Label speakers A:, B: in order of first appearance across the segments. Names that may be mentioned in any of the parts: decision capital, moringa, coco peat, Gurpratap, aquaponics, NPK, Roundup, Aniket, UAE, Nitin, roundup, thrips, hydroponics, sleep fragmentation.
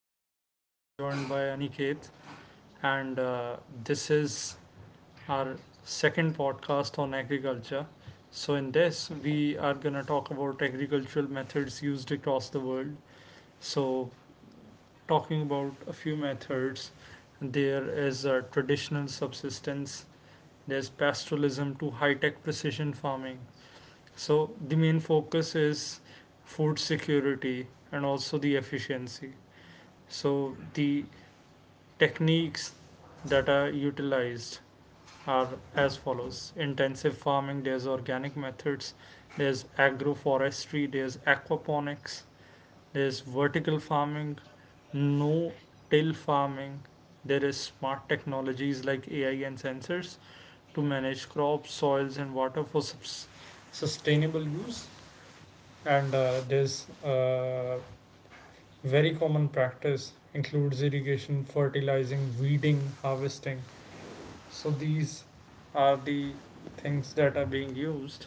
A: host Gurpratap. I'm joined by Aniket, and this is our second podcast on agriculture. So, in this, we are gonna talk about agricultural methods used across the world. So, talking about a few methods, there is traditional subsistence, there's pastoralism to high tech precision farming. So, the main focus is food security and also the efficiency. So, the techniques that are utilized are as follows: intensive farming, there's organic methods, there's agroforestry, there's aquaponics, there's vertical farming, no till farming, there is smart technologies like AI and sensors to manage crops, soils, and water for sustainable use. And there's very common practice includes irrigation, fertilizing, weeding, harvesting, so these are the things that are being used.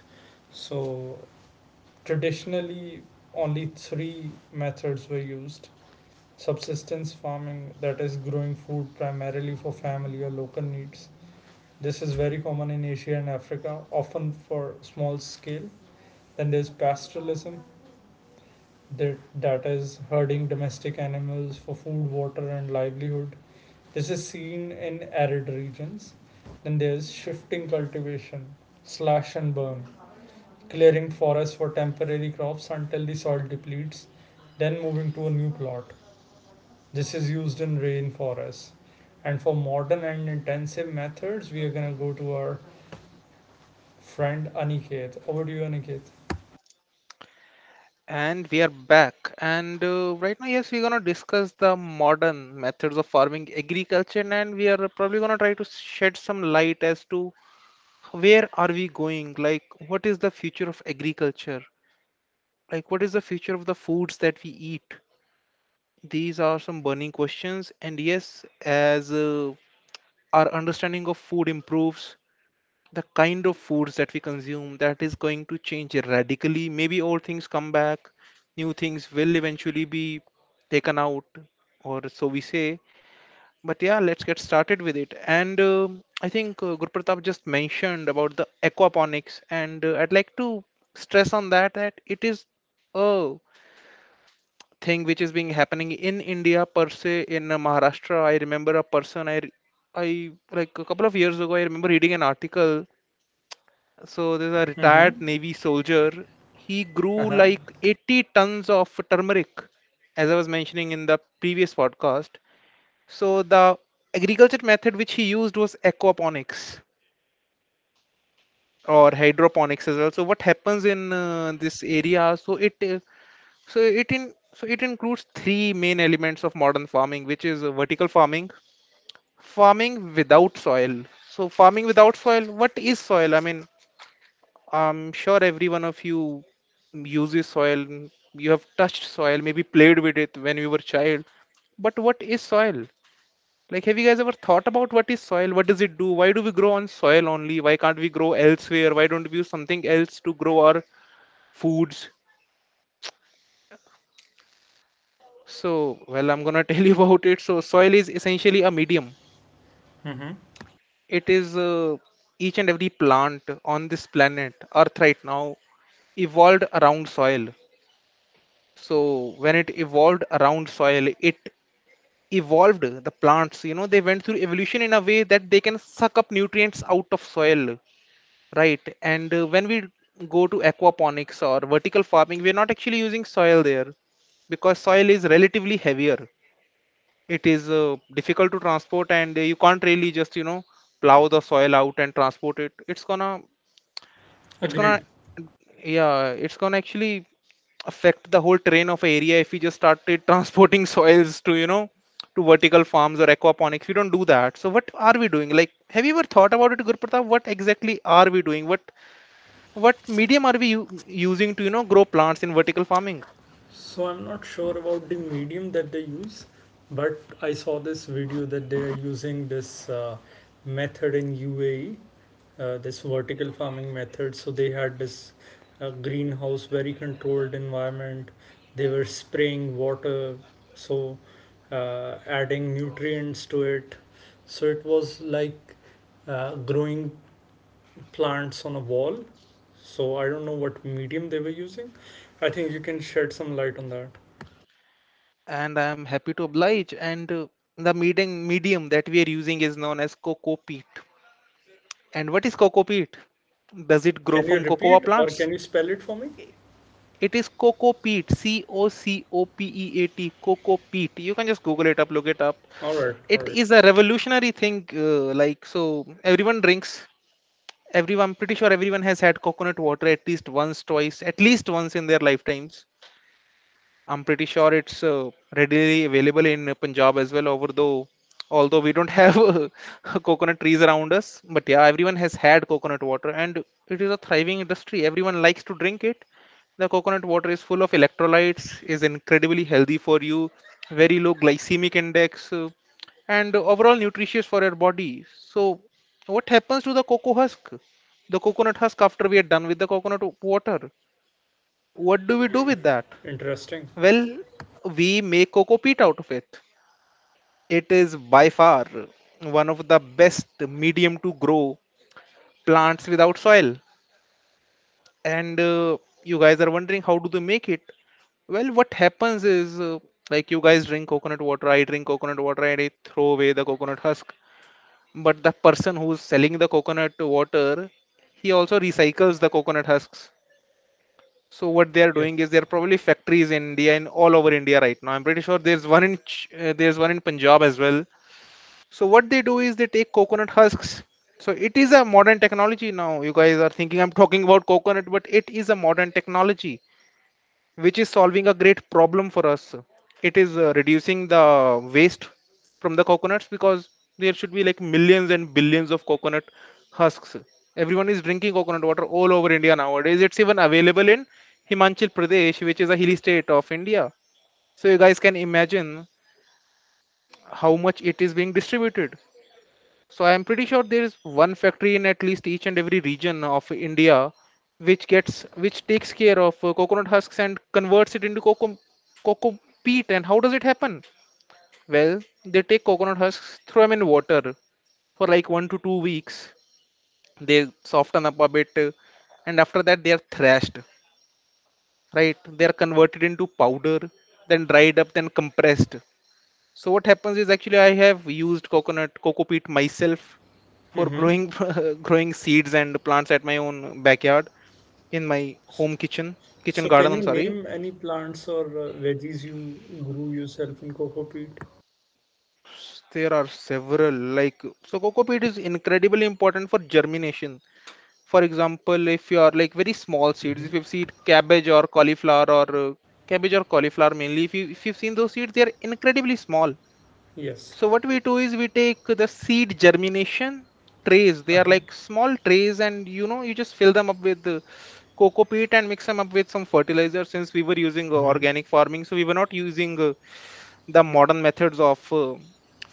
A: So traditionally only three methods were used: subsistence farming, that is growing food primarily for family or local needs. This is very common in Asia and Africa, often for small scale. Then there's pastoralism, that is herding domestic animals for food, water, and livelihood. This is seen in arid regions. Then there's shifting cultivation, slash and burn, clearing forests for temporary crops until the soil depletes, then moving to a new plot. This is used in rainforests. And for modern and intensive methods, we are gonna go to our friend Aniket. Over to you, Aniket.
B: And we are back. Yes, we're gonna discuss the modern methods of farming agriculture, and we are probably gonna try to shed some light as to where are we going? Like, what is the future of agriculture? Like, what is the future of the foods that we eat? These are some burning questions. And yes, as our understanding of food improves, the kind of foods that we consume that is going to change radically. Maybe old things come back, new things will eventually be taken out, or so we say. But yeah, let's get started with it. And I think Gurpratap just mentioned about the aquaponics, and I'd like to stress on that, that it is a thing which is being happening in India per se. In Maharashtra, I remember a person, I like a couple of years ago, I remember reading an article. So there's a retired Navy soldier. He grew like 80 tons of turmeric, as I was mentioning in the previous podcast. So the agriculture method which he used was aquaponics, or hydroponics as well. So what happens in this area? So it includes three main elements of modern farming, which is vertical farming, farming without soil. So farming without soil, what is soil? I mean, I'm sure every one of you uses soil. You have touched soil, maybe played with it when you were child. But what is soil? Like, have you guys ever thought about what is soil? What does it do? Why do we grow on soil only? Why can't we grow elsewhere? Why don't we use something else to grow our foods? So, well, I'm gonna tell you about it. So, soil is essentially a medium. It is Each and every plant on this planet, Earth, right now, evolved around soil. So when it evolved around soil, it evolved. The plants, you know, they went through evolution in a way that they can suck up nutrients out of soil, right? And when we go to aquaponics or vertical farming, we're not actually using soil there, because soil is relatively heavier. It is difficult to transport, and you can't really just, you know, plow the soil out and transport it. It's gonna
A: Agreed.
B: yeah, it's gonna actually affect the whole terrain of a area if we just started transporting soils to, you know, to vertical farms or aquaponics. We don't do that. So what are we doing? Like, have you ever thought about it, Gurpratap? What exactly are we doing? What medium are we using to, you know, grow plants in vertical farming?
A: So I'm not sure about the medium that they use, but I saw this video that they are using this method in UAE. This vertical farming method, so they had this greenhouse, very controlled environment. They were spraying water, so adding nutrients to it. So it was like growing plants on a wall. So I don't know what medium they were using. I think you can shed some light on that.
B: And I am happy to oblige. And the medium that we are using is known as coco peat. And what is coco peat? Does it grow
A: Can you
B: from cocoa
A: repeat or
B: plants?
A: can you spell it for me?
B: It is Coco Peat, Cocopeat, Coco Peat. You can just Google it up, look it up.
A: All right, all
B: It
A: right.
B: is a revolutionary thing. Like, so everyone drinks, everyone, pretty sure everyone has had coconut water at least once, twice, at least once in their lifetimes. I'm pretty sure it's readily available in Punjab as well. Over though, although we don't have coconut trees around us, but yeah, everyone has had coconut water, and it is a thriving industry. Everyone likes to drink it. The coconut water is full of electrolytes, is incredibly healthy for you, very low glycemic index, and overall nutritious for your body. So, what happens to the cocoa husk? The coconut husk after we are done with the coconut water? What do we do with that?
A: Interesting.
B: Well, we make coco peat out of it. It is by far one of the best medium to grow plants without soil. And you guys are wondering, how do they make it? Well, what happens is, like, you guys drink coconut water, I drink coconut water, and I throw away the coconut husk. But the person who's selling the coconut water, he also recycles the coconut husks. So what they are
A: Yes.
B: doing is, there are probably factories in India and all over India right now. I'm pretty sure there's one in there's one in Punjab as well. So what they do is, they take coconut husks. So it is a modern technology now. You guys are thinking I'm talking about coconut, but it is a modern technology which is solving a great problem for us. It is reducing the waste from the coconuts, because there should be like millions and billions of coconut husks. Everyone is drinking coconut water all over India nowadays. It's even available in Himachal Pradesh, which is a hilly state of India. So you guys can imagine how much it is being distributed. So I'm pretty sure there is one factory in at least each and every region of India which gets which takes care of coconut husks and converts it into coco peat. And how does it happen? Well, they take coconut husks, throw them in water for like 1 to 2 weeks. They soften up a bit, and after that they are thrashed. Right? They are converted into powder, then dried up, then compressed. So what happens is, actually, I have used coco peat myself for
A: Mm-hmm.
B: growing growing seeds and plants at my own backyard in my home kitchen
A: So,
B: garden.
A: can
B: I'm
A: you
B: sorry.
A: name any plants or veggies you grew yourself in cocoa peat?
B: There are several. Like, so coco peat is incredibly important for germination. For example, if you are like very small seeds,
A: Mm-hmm.
B: if you've seen cabbage or cauliflower or cabbage or cauliflower mainly, if you, if you've seen those seeds, they are incredibly small.
A: Yes.
B: So what we do is, we take the seed germination trays. They are
A: Uh-huh.
B: like small trays, and you know, you just fill them up with coco peat and mix them up with some fertilizer. Since we were using
A: Mm-hmm.
B: organic farming, so we were not using the modern methods of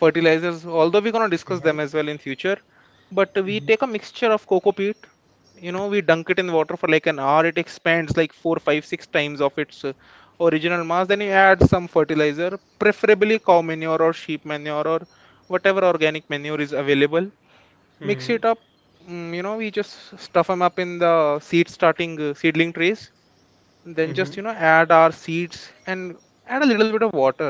B: fertilizers, although we're going to discuss them as well in future. But we
A: Mm-hmm.
B: take a mixture of coco peat, you know, we dunk it in water for like an hour. It expands like 4 5 6 times of its original mass. Then you add some fertilizer, preferably cow manure or sheep manure or whatever organic manure is available. Mix
A: Mm-hmm.
B: it up. You know, we just stuff them up in the seedling trays, then
A: Mm-hmm.
B: just, you know, add our seeds and add a little bit of water,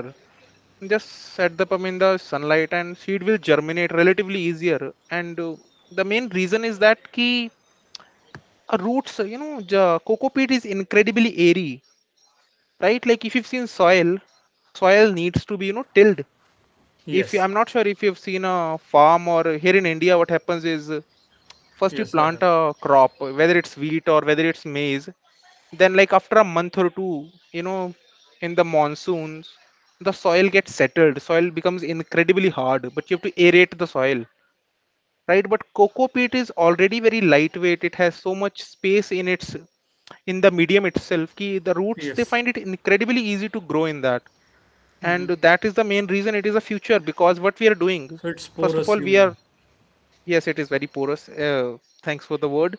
B: just set them up in the sunlight, and seed will germinate relatively easier. And the main reason is that ki, roots, you know, the coco peat is incredibly airy, right? Like, if you've seen soil, soil needs to be, you know, tilled. If you,
A: Yes.
B: I'm not sure if you've seen a farm, or here in India what happens is, first you
A: Yes, I
B: plant
A: have.
B: a crop, whether it's wheat or whether it's maize. Then like after a month or two, you know, in the monsoons, the soil gets settled. Soil becomes incredibly hard, but you have to aerate the soil, right? But cocoa peat is already very lightweight. It has so much space in its, in the medium itself, ki the roots, they
A: Yes.
B: find it incredibly easy to grow in that.
A: Mm-hmm.
B: And that is the main reason it is a future, because what we are doing
A: So it's
B: first of all,
A: porous, you
B: we are.
A: mean?
B: Yes, it is very porous. Thanks for the word.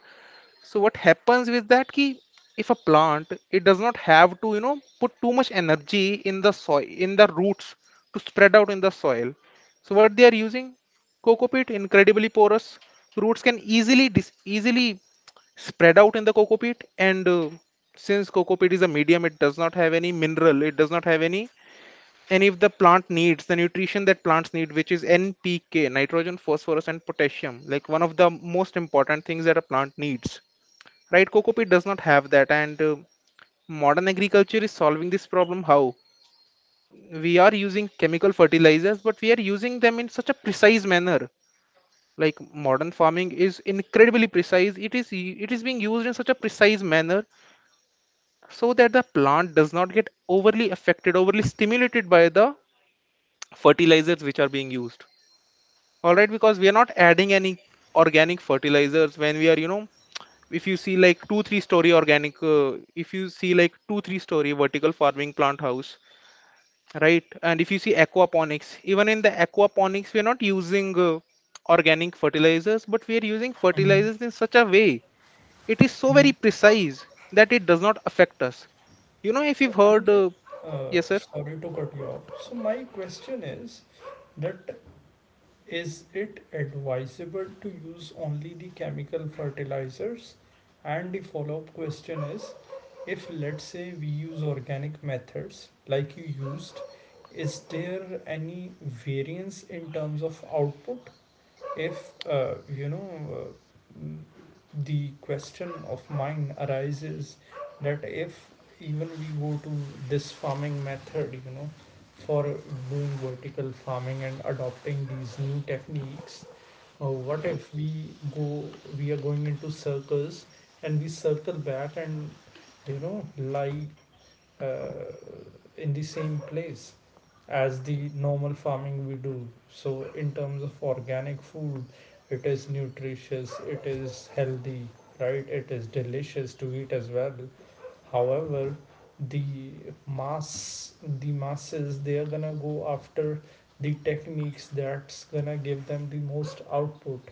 B: So what happens with that ki, if a plant, it does not have to, you know, put too much energy in the soil, in the roots, to spread out in the soil. So what they are using, coco peat, incredibly porous, roots can easily easily spread out in the coco peat. And since coco peat is a medium, it does not have any mineral, it does not have any, and if the plant needs the nutrition that plants need, which is NPK, nitrogen, phosphorus, and potassium, like one of the most important things that a plant needs, right? Coco peat does not have that. And modern agriculture is solving this problem. How? We are using chemical fertilizers, but we are using them in such a precise manner. Like, modern farming is incredibly precise. It is it is being used in such a precise manner so that the plant does not get overly affected, overly stimulated by the fertilizers which are being used. All right, because we are not adding any organic fertilizers when we are, you know, if you see like 2-3 story organic if you see like 2-3 story vertical farming plant house, right? And if you see aquaponics, even in the aquaponics we are not using organic fertilizers, but we are using
A: Mm-hmm.
B: fertilizers in such a way, it is so
A: Mm-hmm.
B: very precise that it does not affect us. You know, if
A: So,
B: you've heard
A: Aniket,
B: yes, sir.
A: sorry to cut you off. So, my question is that is it advisable to use only the chemical fertilizers? And the follow up question is, if, let's say, we use organic methods like you used, is there any variance in terms of output? If the question of mine arises that if even we go to this farming method, for doing vertical farming and adopting these new techniques, what if go we are going into circles and we circle back and lie uh, in the same place as the normal farming we do. So, in terms of organic food, it is nutritious, it is healthy, right? It is delicious to eat as well. However, the the masses, they are gonna go after the techniques that's gonna give them the most output.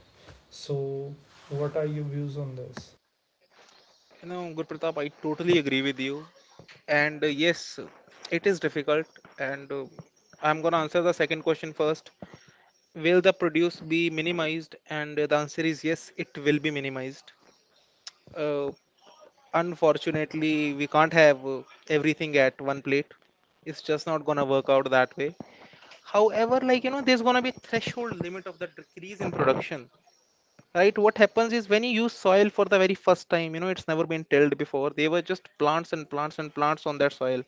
A: So, what are your views on this?
B: You know, Gurpratap, I totally agree with you. And yes, it is difficult. And I'm going to answer the second question first. Will the produce be minimized? And the answer is yes, it will be minimized. Uh, unfortunately, we can't have everything at one plate. It's just not going to work out that way. However, like, you know, there's going to be threshold limit of the decrease in production, right? What happens is when you use soil for the very first time, you know, it's never been tilled before. They were just plants and plants and plants on that soil,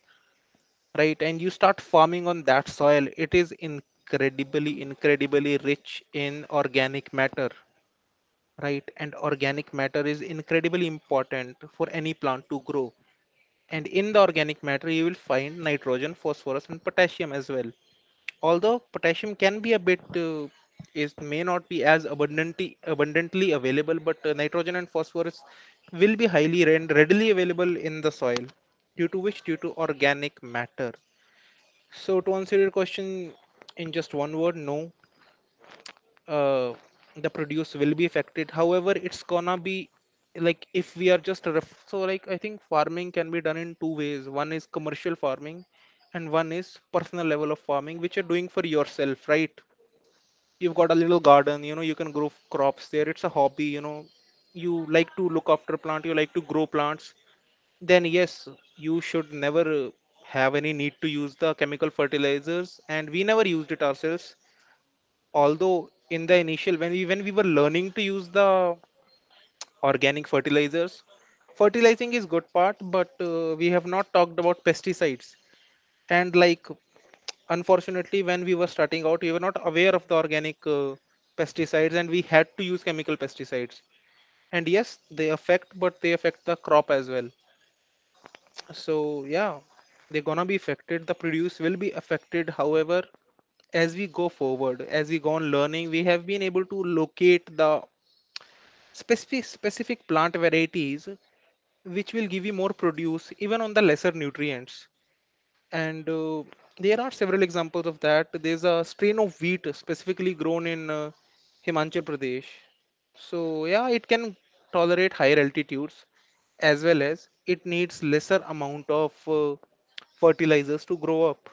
B: right? And you start farming on that soil. It is incredibly, incredibly rich in organic matter, right? And organic matter is incredibly important for any plant to grow. And in the organic matter, you will find nitrogen, phosphorus, and potassium as well. Although potassium can be a bit is may not be as abundantly available, but nitrogen and phosphorus will be highly and readily available in the soil due to which, due to organic matter. So to answer your question in just one word, no. Uh, the produce will be affected. However, it's gonna be, like, if we are just so, like, I think farming can be done in two ways. One is commercial farming, and one is personal level of farming, which you're doing for yourself, right? You've got a little garden, you know, you can grow crops there. It's a hobby, you know. You like to look after plant, you like to grow plants, then yes, you should never have any need to use the chemical fertilizers. And we never used it ourselves. Although in the initial, when we were learning to use the organic fertilizers, fertilizing is good part, but we have not talked about pesticides. And, like, unfortunately, when we were starting out, we were not aware of the organic pesticides, and we had to use chemical pesticides. And yes, they affect, but they affect the crop as well. So yeah, they're gonna be affected, the produce will be affected. However, as we go forward, as we go on learning, we have been able to locate the specific plant varieties which will give you more produce even on the lesser nutrients. And there are several examples of that. There's a strain of wheat specifically grown in Himachal Pradesh. So yeah, it can tolerate higher altitudes as well as it needs lesser amount of fertilizers to grow up.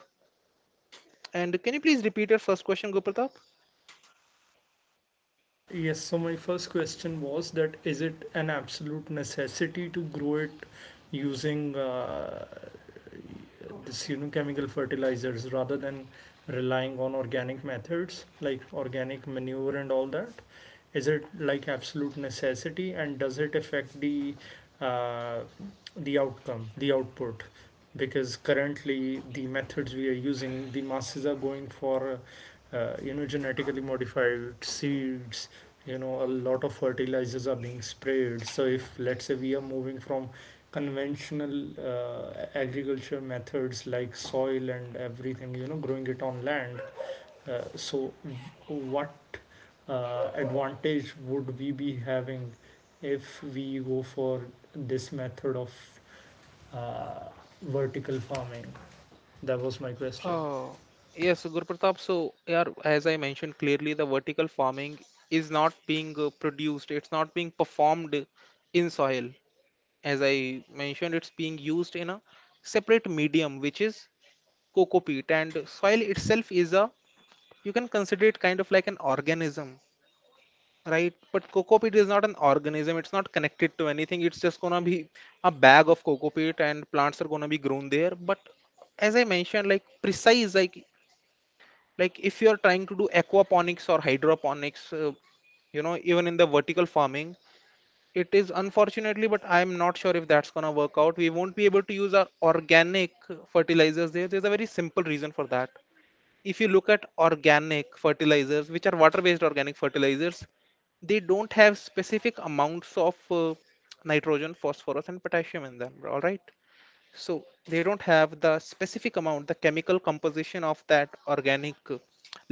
B: And can you please repeat your first question, Gurpratap?
A: Yes, so my first question was that is it an absolute necessity to grow it using the pseudochemical fertilizers rather than relying on organic methods like organic manure and all that? Is it like absolute necessity, and does it affect the uh, outcome, the output? Because currently the methods we are using, the masses are going for genetically modified seeds. A lot of fertilizers are being sprayed. So if, let's say, we are moving from conventional agriculture methods like soil and everything, growing it on land, so what advantage would we be having if we go for this method of uh, vertical farming? That was my question.
B: Uh, yes, Gurpratap. So, yeah, as I mentioned clearly, the vertical farming is not being produced, it's not being performed in soil. As I mentioned, it's being used in a separate medium, which is coco peat. And soil itself is a, you can consider it kind of like an organism, right? But coco peat is not an organism, it's not connected to anything. It's just gonna be a bag of coco peat, and plants are gonna be grown there. But as I mentioned, like, precise, like, if you are trying to do aquaponics or hydroponics, you know, even in the vertical farming, it is, unfortunately, but I'm not sure if that's gonna work out. We won't be able to use our organic fertilizers there. There's a very simple reason for that. If you look at organic fertilizers, which are water based organic fertilizers, they don't have specific amounts of nitrogen, phosphorus, and potassium in them, all right? So they don't have the specific amount, the chemical composition of that organic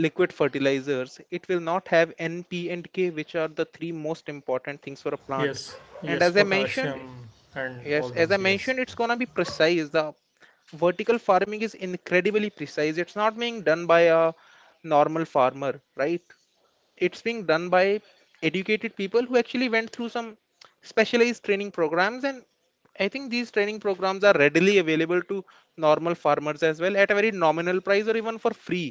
B: liquid fertilizers, it will not have NP and K, which are the three most important things for a plant.
A: Yes,
B: And
A: yes,
B: as I mentioned,
A: potassium and all
B: yes, as
A: those.
B: I
A: Yes.
B: mentioned, it's going to be precise. The vertical farming is incredibly precise. It's not being done by a normal farmer, right? It's being done by educated people who actually went through some specialized training programs, and I think these training programs are readily available to normal farmers as well at a very nominal price or even for free.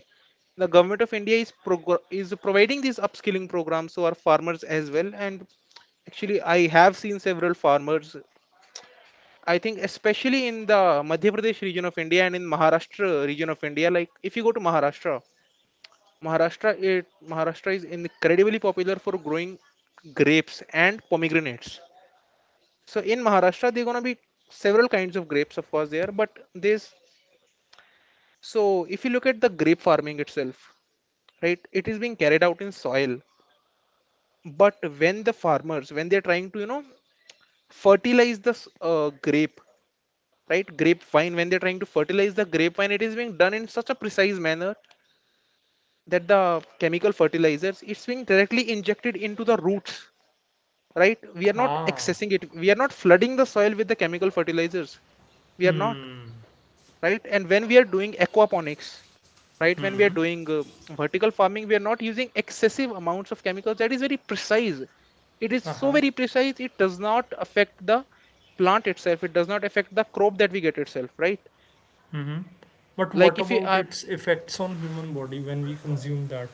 B: The government of India is is providing these upskilling programs to our farmers as well. And actually I have seen several farmers, I think especially in the Madhya Pradesh region of India and in Maharashtra region of India. Like, if you go to Maharashtra, Maharashtra is incredibly popular for growing grapes and pomegranates. So in Maharashtra there are gonna be several kinds of grapes of course there, but this, so if you look at the grape farming itself, right, it is being carried out in soil. But when the farmers, when they're trying to, you know, fertilize the grape, right, grapevine, when they're trying to fertilize the grapevine, it is being done in such a precise manner that the chemical fertilizers, it's being directly injected into the roots, right? We are not
A: Ah.
B: accessing it, we are not flooding the soil with the chemical fertilizers. We are not,
A: Hmm.
B: right? And when we are doing aquaponics, right, when we
A: Hmm.
B: are doing vertical farming, we are not using excessive amounts of chemicals. That is very precise. It is
A: Uh
B: so
A: huh.
B: very precise, it does not affect the plant itself, it does not affect the crop that we get itself, right?
A: Hmm. But
B: Like
A: what
B: if you
A: about its effects on human body when we consume that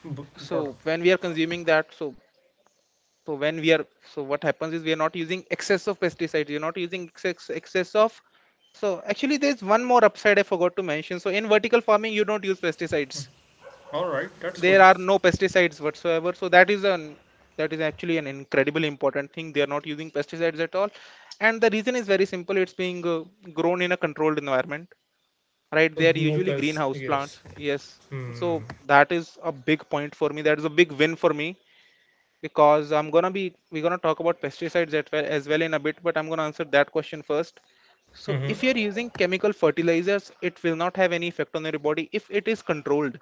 A: product?
B: so when we are consuming that, so when we are, so what happens is we are not using excess of pesticides, you're not using excess of, so actually there's one more upside I forgot to mention. So in vertical farming you don't use pesticides.
A: All right, that's
B: There
A: good.
B: are no pesticides whatsoever, so that is an, that is actually an incredibly important thing. They are not using pesticides at all. And the reason is very simple, it's being grown in a controlled environment,
A: Yes,
B: right?
A: so
B: They are
A: no
B: usually
A: pests.
B: greenhouse plants,
A: Yes.
B: yes.
A: Hmm.
B: So that is a big point for me, that is a big win for me, because I'm gonna be, we're gonna talk about pesticides at well, as well, in a bit, but I'm gonna answer that question first. So
A: Hmm.
B: if you're using chemical fertilizers, it will not have any effect on your body if it is controlled,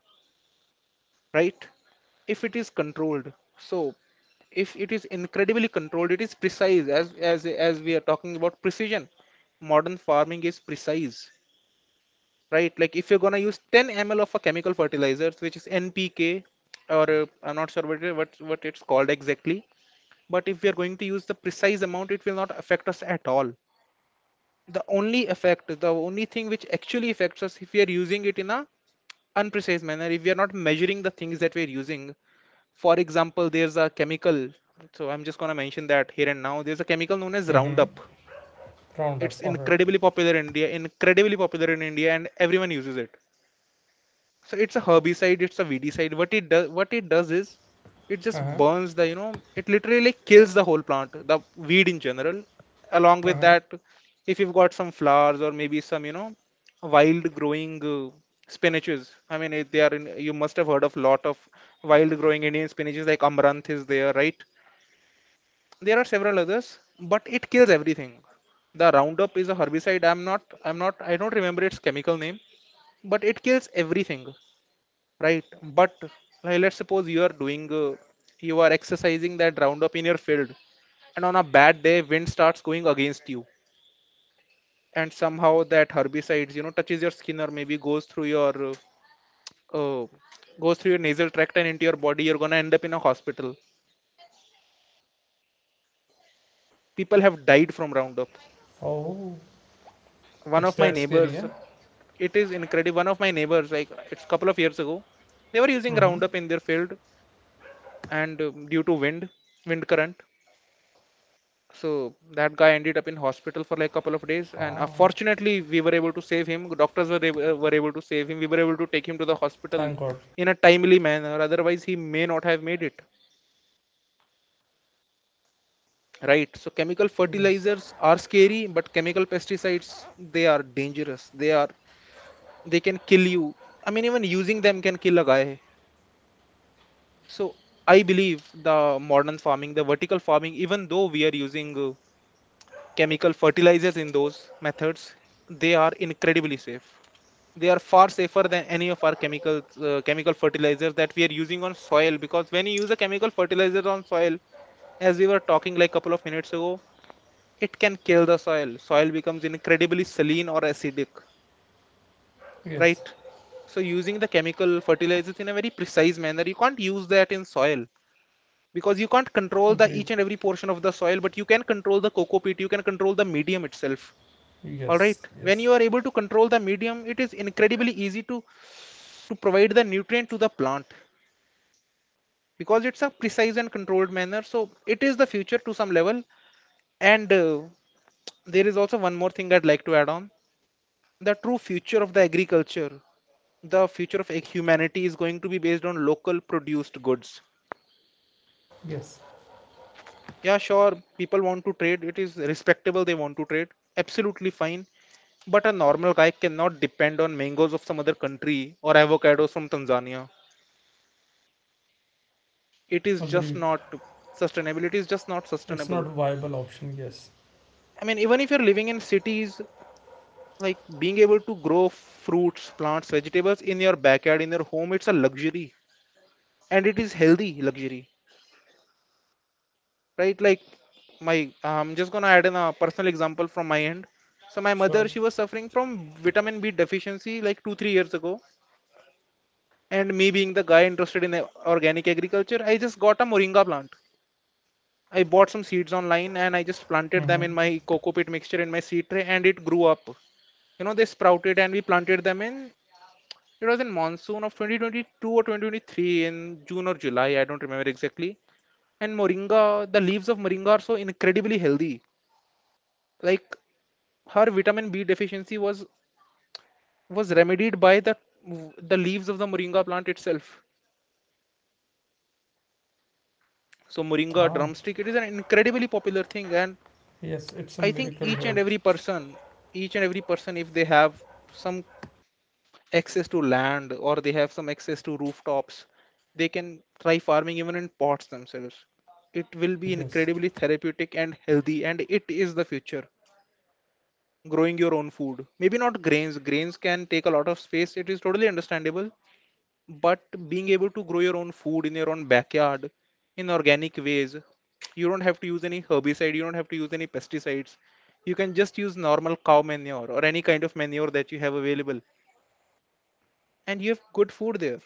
B: right? If it is controlled, so if it is incredibly controlled, it is precise, as as we are talking about precision. Modern farming is precise, right? Like if you're gonna use 10 ml of a chemical fertilizer, which is NPK, or I'm not sure what it, what it's called exactly, but if we are going to use the precise amount it will not affect us at all. The only effect, the only thing which actually affects us, if we are using it in a unprecise manner, if we are not measuring the things that we are using. For example, there's a chemical, so I'm just going to mention that here and now, there's a chemical known as
A: Hmm.
B: Roundup.
A: Roundup.
B: It's
A: All right.
B: incredibly popular in India, incredibly popular in India, and everyone uses it. So it's a herbicide, it's a weedicide. What it does is it just burns the, you know, it literally like kills the whole plant, the weed in general. Along
A: Uh
B: with
A: huh.
B: that, if you've got some flowers or maybe some, you know, wild growing spinaches, I mean it, they are in, you must have heard of lot of wild growing Indian spinaches like amaranth is there, right? There are several others, but it kills everything. The Roundup is a herbicide, I don't remember its chemical name, but it kills everything, right? But, like, let's suppose you are doing you are exercising that Roundup in your field, and on a bad day wind starts going against you, and somehow that herbicides, you know, touches your skin or maybe uh, goes through your nasal tract and into your body, you're gonna end up in a hospital. People have died from Roundup.
A: Oh,
B: One
A: it's
B: of my
A: that scary,
B: neighbors,
A: yeah?
B: it is incredible, one of my neighbors, like, it's a couple of years ago, they were using
A: Mm-hmm.
B: Roundup in their field, and due to wind, wind current, so that guy ended up in hospital for like couple of days, and
A: Ah,
B: unfortunately we were able to save him, doctors were able to save him, we were able to take him to the hospital
A: thank God.
B: in a timely manner, otherwise he may not have made it, right? So chemical
A: Yes,
B: fertilizers are scary, but chemical pesticides, they are dangerous, they are, they can kill you. I mean, even using them can kill a guy. So I believe the modern farming, the vertical farming, even though we are using chemical fertilizers in those methods, they are incredibly safe, they are far safer than any of our chemical chemical fertilizers that we are using on soil. Because when you use a chemical fertilizer on soil, as we were talking like couple of minutes ago, it can kill the soil. Becomes incredibly saline or acidic,
A: yes,
B: right? So using the chemical fertilizers in a very precise manner, you can't use that in soil because you can't control the
A: agreed.
B: each and every portion of the soil, but you can control the coco peat, you can control the medium itself. All
A: Yes,
B: right, when
A: yes,
B: you are able to control the medium, it is incredibly easy to provide the nutrient to the plant, because it's a precise and controlled manner. So it is the future to some level. And There is also one more thing I'd like to add on. The true future of the agriculture, the future of humanity, is going to be based on local produced goods.
A: yes,
B: Yeah, sure, people want to trade. It is respectable, they want to trade, absolutely fine. But a normal guy cannot depend on mangoes of some other country or avocados from Tanzania. It is just
A: agreed.
B: not Sustainability is just not
A: It's not
B: sustainable.
A: viable option, yes.
B: I mean, even if you're living in cities, like being able to grow fruits, plants, vegetables in your backyard, in your home, it's a luxury, and it is healthy luxury, right? Like, my I'm just gonna add in a personal example from my end. So my
A: Sure.
B: mother, she was suffering from vitamin B deficiency like 2 3 years ago, and me being the guy interested in organic agriculture, I just got a moringa plant. I bought some seeds online and I just planted them
A: Mm-hmm.
B: in my coco pit mixture in my seed tray, and It grew up. You know, they sprouted and we planted them in It was in monsoon of 2022 or 2023, in June or July, I don't remember exactly. And moringa, the leaves of moringa are so incredibly healthy. Like Her vitamin B deficiency was remedied by the leaves of the moringa plant itself. So moringa
A: Ah,
B: drumstick, it is an incredibly popular thing. And
A: yes, it's a
B: I think
A: miracle
B: each
A: herb.
B: and every person, if they have some access to land, or they have some access to rooftops, they can try farming even in pots themselves. It will be
A: Yes.
B: incredibly therapeutic and healthy, and it is the future. Growing your own food, maybe not grains, grains can take a lot of space, it is totally understandable. But being able to grow your own food in your own backyard, in organic ways, you don't have to use any herbicide, you don't have to use any pesticides, you can just use normal cow manure or any kind of manure that you have available, and you have good food there.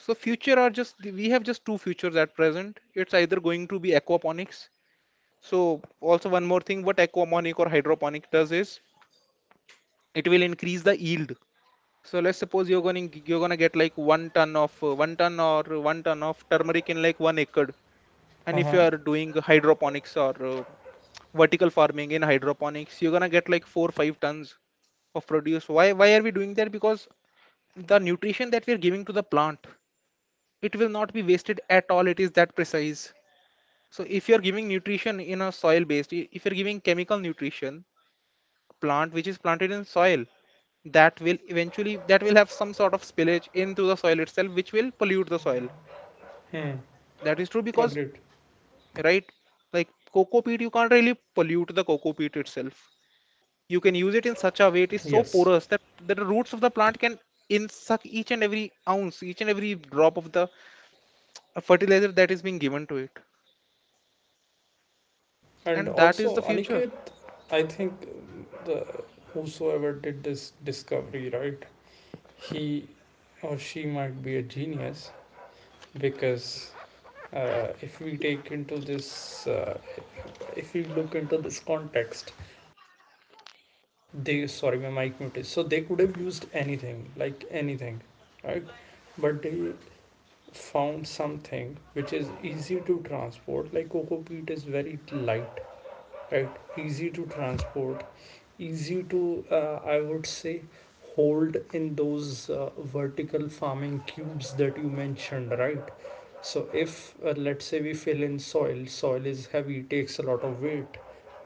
B: So future are just, we have just two futures at present. It's either going to be aquaponics. So also one more thing, what aquaponic or hydroponic does is it will increase the yield. So let's suppose you're going to you're gonna get like one ton of turmeric in like 1 acre. And if you
A: Uh-huh.
B: are doing hydroponics or vertical farming in hydroponics, you're gonna get like 4 5 tons of produce. Why are we doing that? Because the nutrition that we're giving to the plant, it will not be wasted at all. It is that precise. So if you're giving nutrition in a soil based, if you're giving chemical nutrition, plant which is planted in soil, that will eventually that will have some sort of spillage into the soil itself, which will pollute the soil.
A: Hmm,
B: That is true. Because
A: agreed.
B: right, like cocoa peat, you can't really pollute the cocoa peat itself. You can use it in such a way, it is so
A: Yes.
B: porous that the roots of the plant can in suck each and every ounce, each and every drop of the fertilizer that is being given to it,
A: And
B: and that is the
A: also,
B: future.
A: Aniket, I think the whosoever did this discovery, right? He or she might be a genius, because if we take into this if we look into this context. They, sorry, my mic muted. So they could have used anything, like anything, right? But they found something which is easy to transport, like coco peat is very light, right? Easy to transport, easy to I would say hold in those vertical farming cubes that you mentioned, right? So if, let's say, we fill in soil. Soil is heavy, takes a lot of weight,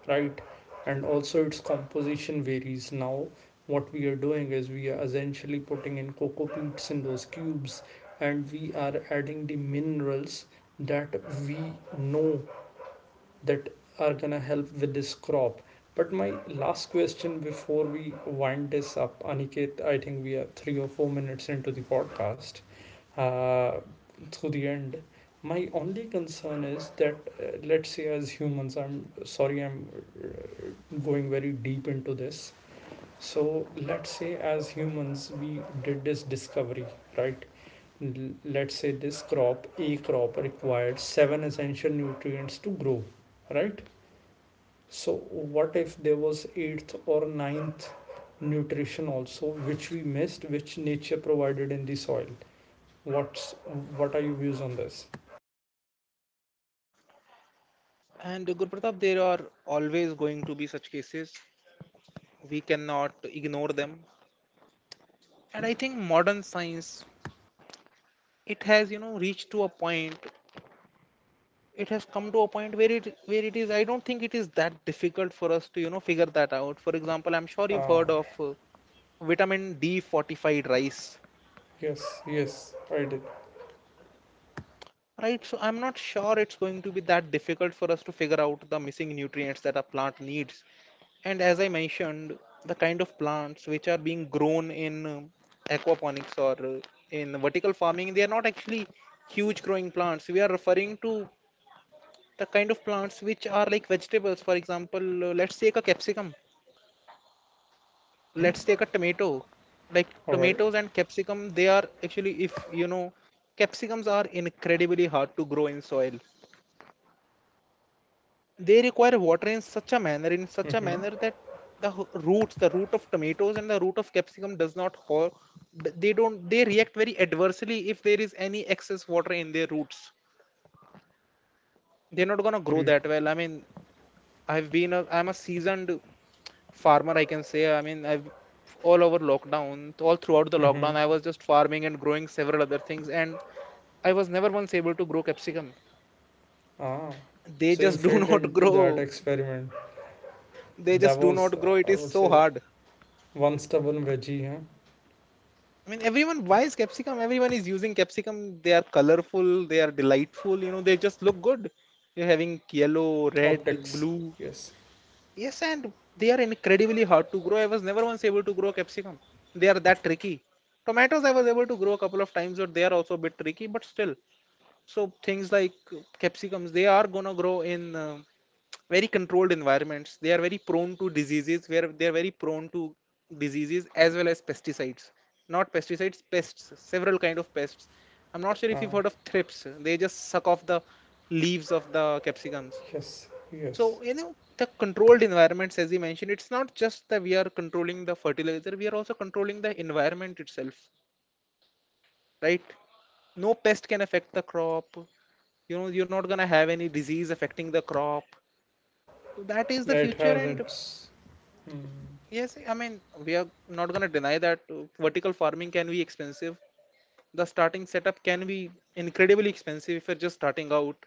A: right? And also its composition varies. Now what we are doing is we are essentially putting in coco peats in those cubes, and we are adding the minerals that we know that are gonna help with this crop. But my last question before we wind this up, Aniket, I think we are 3 or 4 minutes into the podcast, uh, through the end. My only concern is that, let's say, as humans, I'm sorry, I'm going very deep into this. So, let's say, as humans, we did this discovery, right? Let's say this crop, a crop, required seven essential nutrients to grow, right? So what if there was eighth or ninth nutrition also, which we missed, which nature provided in the soil? What's what are your views on this?
B: And Gurpratap, there are always going to be such cases. We cannot ignore them. And
A: Mm-hmm.
B: I think modern science, it has, you know, reached to a point. It has come to a point where it is. I don't think it is that difficult for us to, you know, figure that out. For example, I'm sure you've heard
A: Ah,
B: of vitamin D fortified rice.
A: yes, yes, I did.
B: Right, so I'm not sure it's going to be that difficult for us to figure out the missing nutrients that a plant needs. And as I mentioned, the kind of plants which are being grown in aquaponics or in vertical farming, they are not actually huge growing plants. We are referring to the kind of plants which are like vegetables. For example, let's take a capsicum, let's
A: Mm-hmm.
B: take a tomato. Like
A: All right.
B: tomatoes and capsicum, they are actually, if you know, capsicums are incredibly hard to grow in soil. They require water in such a
A: Mm-hmm.
B: manner that roots the root of tomatoes and the root of capsicum does not ho- they don't, they react very adversely if there is any excess water in their roots. They're not going to grow
A: Agreed.
B: that well. I mean, I'm a seasoned farmer, I can say. I mean, I've all throughout the
A: Mm-hmm.
B: lockdown I was just farming and growing several other things, and I was never once able to grow capsicum.
A: Ah,
B: They
A: so you
B: just do
A: fit
B: not
A: into that
B: grow.
A: experiment.
B: They
A: That
B: just do
A: was,
B: not grow, it
A: I
B: is
A: would
B: so
A: say,
B: hard.
A: one stubborn veggie, huh?
B: I mean, everyone buys capsicum. Everyone is using capsicum. They are colorful. They are delightful. You know, they just look good. You're having yellow, red,
A: Optics.
B: blue.
A: Yes.
B: Yes, and they are incredibly hard to grow. I was never once able to grow capsicum. They are that tricky. Tomatoes, I was able to grow a couple of times, but they are also a bit tricky. But still, so things like capsicums, they are gonna grow in very controlled environments. They are very prone to diseases, where they are very prone to diseases as well as pesticides not pesticides, pests, several kind of pests. I'm not sure if you've
A: Ah,
B: heard of thrips. They just suck off the leaves of the capsicums.
A: yes, yes.
B: So you know, the controlled environments, as you mentioned, it's not just that we are controlling the fertilizer, we are also controlling the environment itself, right? No pest can affect the crop. You know, you're not going to have any disease affecting the crop. So that is
A: Yeah,
B: the
A: it
B: future.
A: has
B: And
A: its.
B: yes, I mean, we are not going to deny that vertical farming can be expensive. The starting setup can be incredibly expensive if you're just starting out,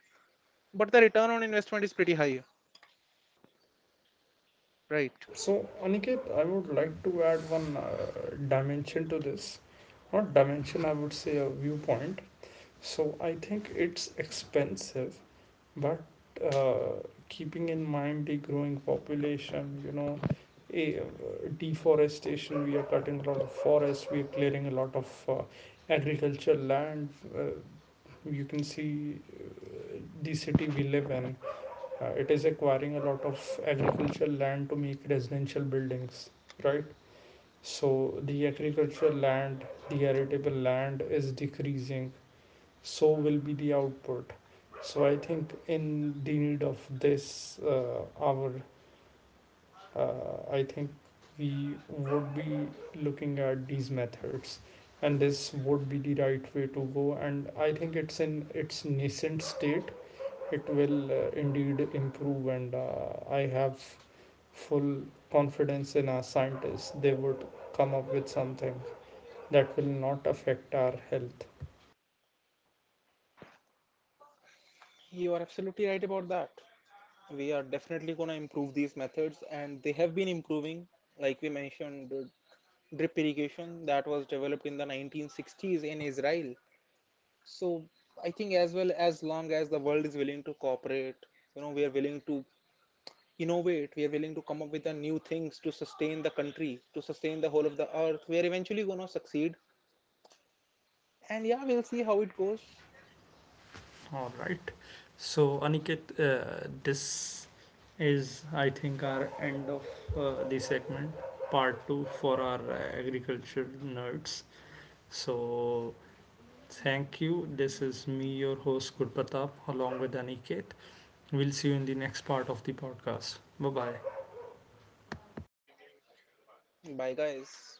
B: but the return on investment is pretty high, right?
A: So, Aniket, I would like to add one dimension to this. Not dimension, I would say a viewpoint. So, I think it's expensive, but uh, keeping in mind the growing population, a, deforestation, we are cutting a lot of forests, we are clearing a lot of agricultural land. Uh, you can see the city we live in, it is acquiring a lot of agricultural land to make residential buildings, right? So the agricultural land, the arable land is decreasing. So will be the output. So I think in the need of this, our I think we would be looking at these methods, and this would be the right way to go. And I think it's in its nascent state. It will indeed improve. And I have full confidence in our scientists. They would come up with something that will not affect our health.
B: You are absolutely right about that. We are definitely going to improve these methods, and they have been improving. Like we mentioned, drip irrigation that was developed in the 1960s in Israel. So I think, as well as long as the world is willing to cooperate, you know, we are willing to innovate, we are willing to come up with the new things to sustain the country, to sustain the whole of the earth. We are eventually going to succeed. And yeah, we'll see how it goes.
A: All right. So, Aniket, this is, I think, our end of the segment, part two for our agriculture nerds. So, thank you. This is me, your host, Gurpatap, along with Aniket. We'll see you in the next part of the podcast. Bye bye.
B: Bye, guys.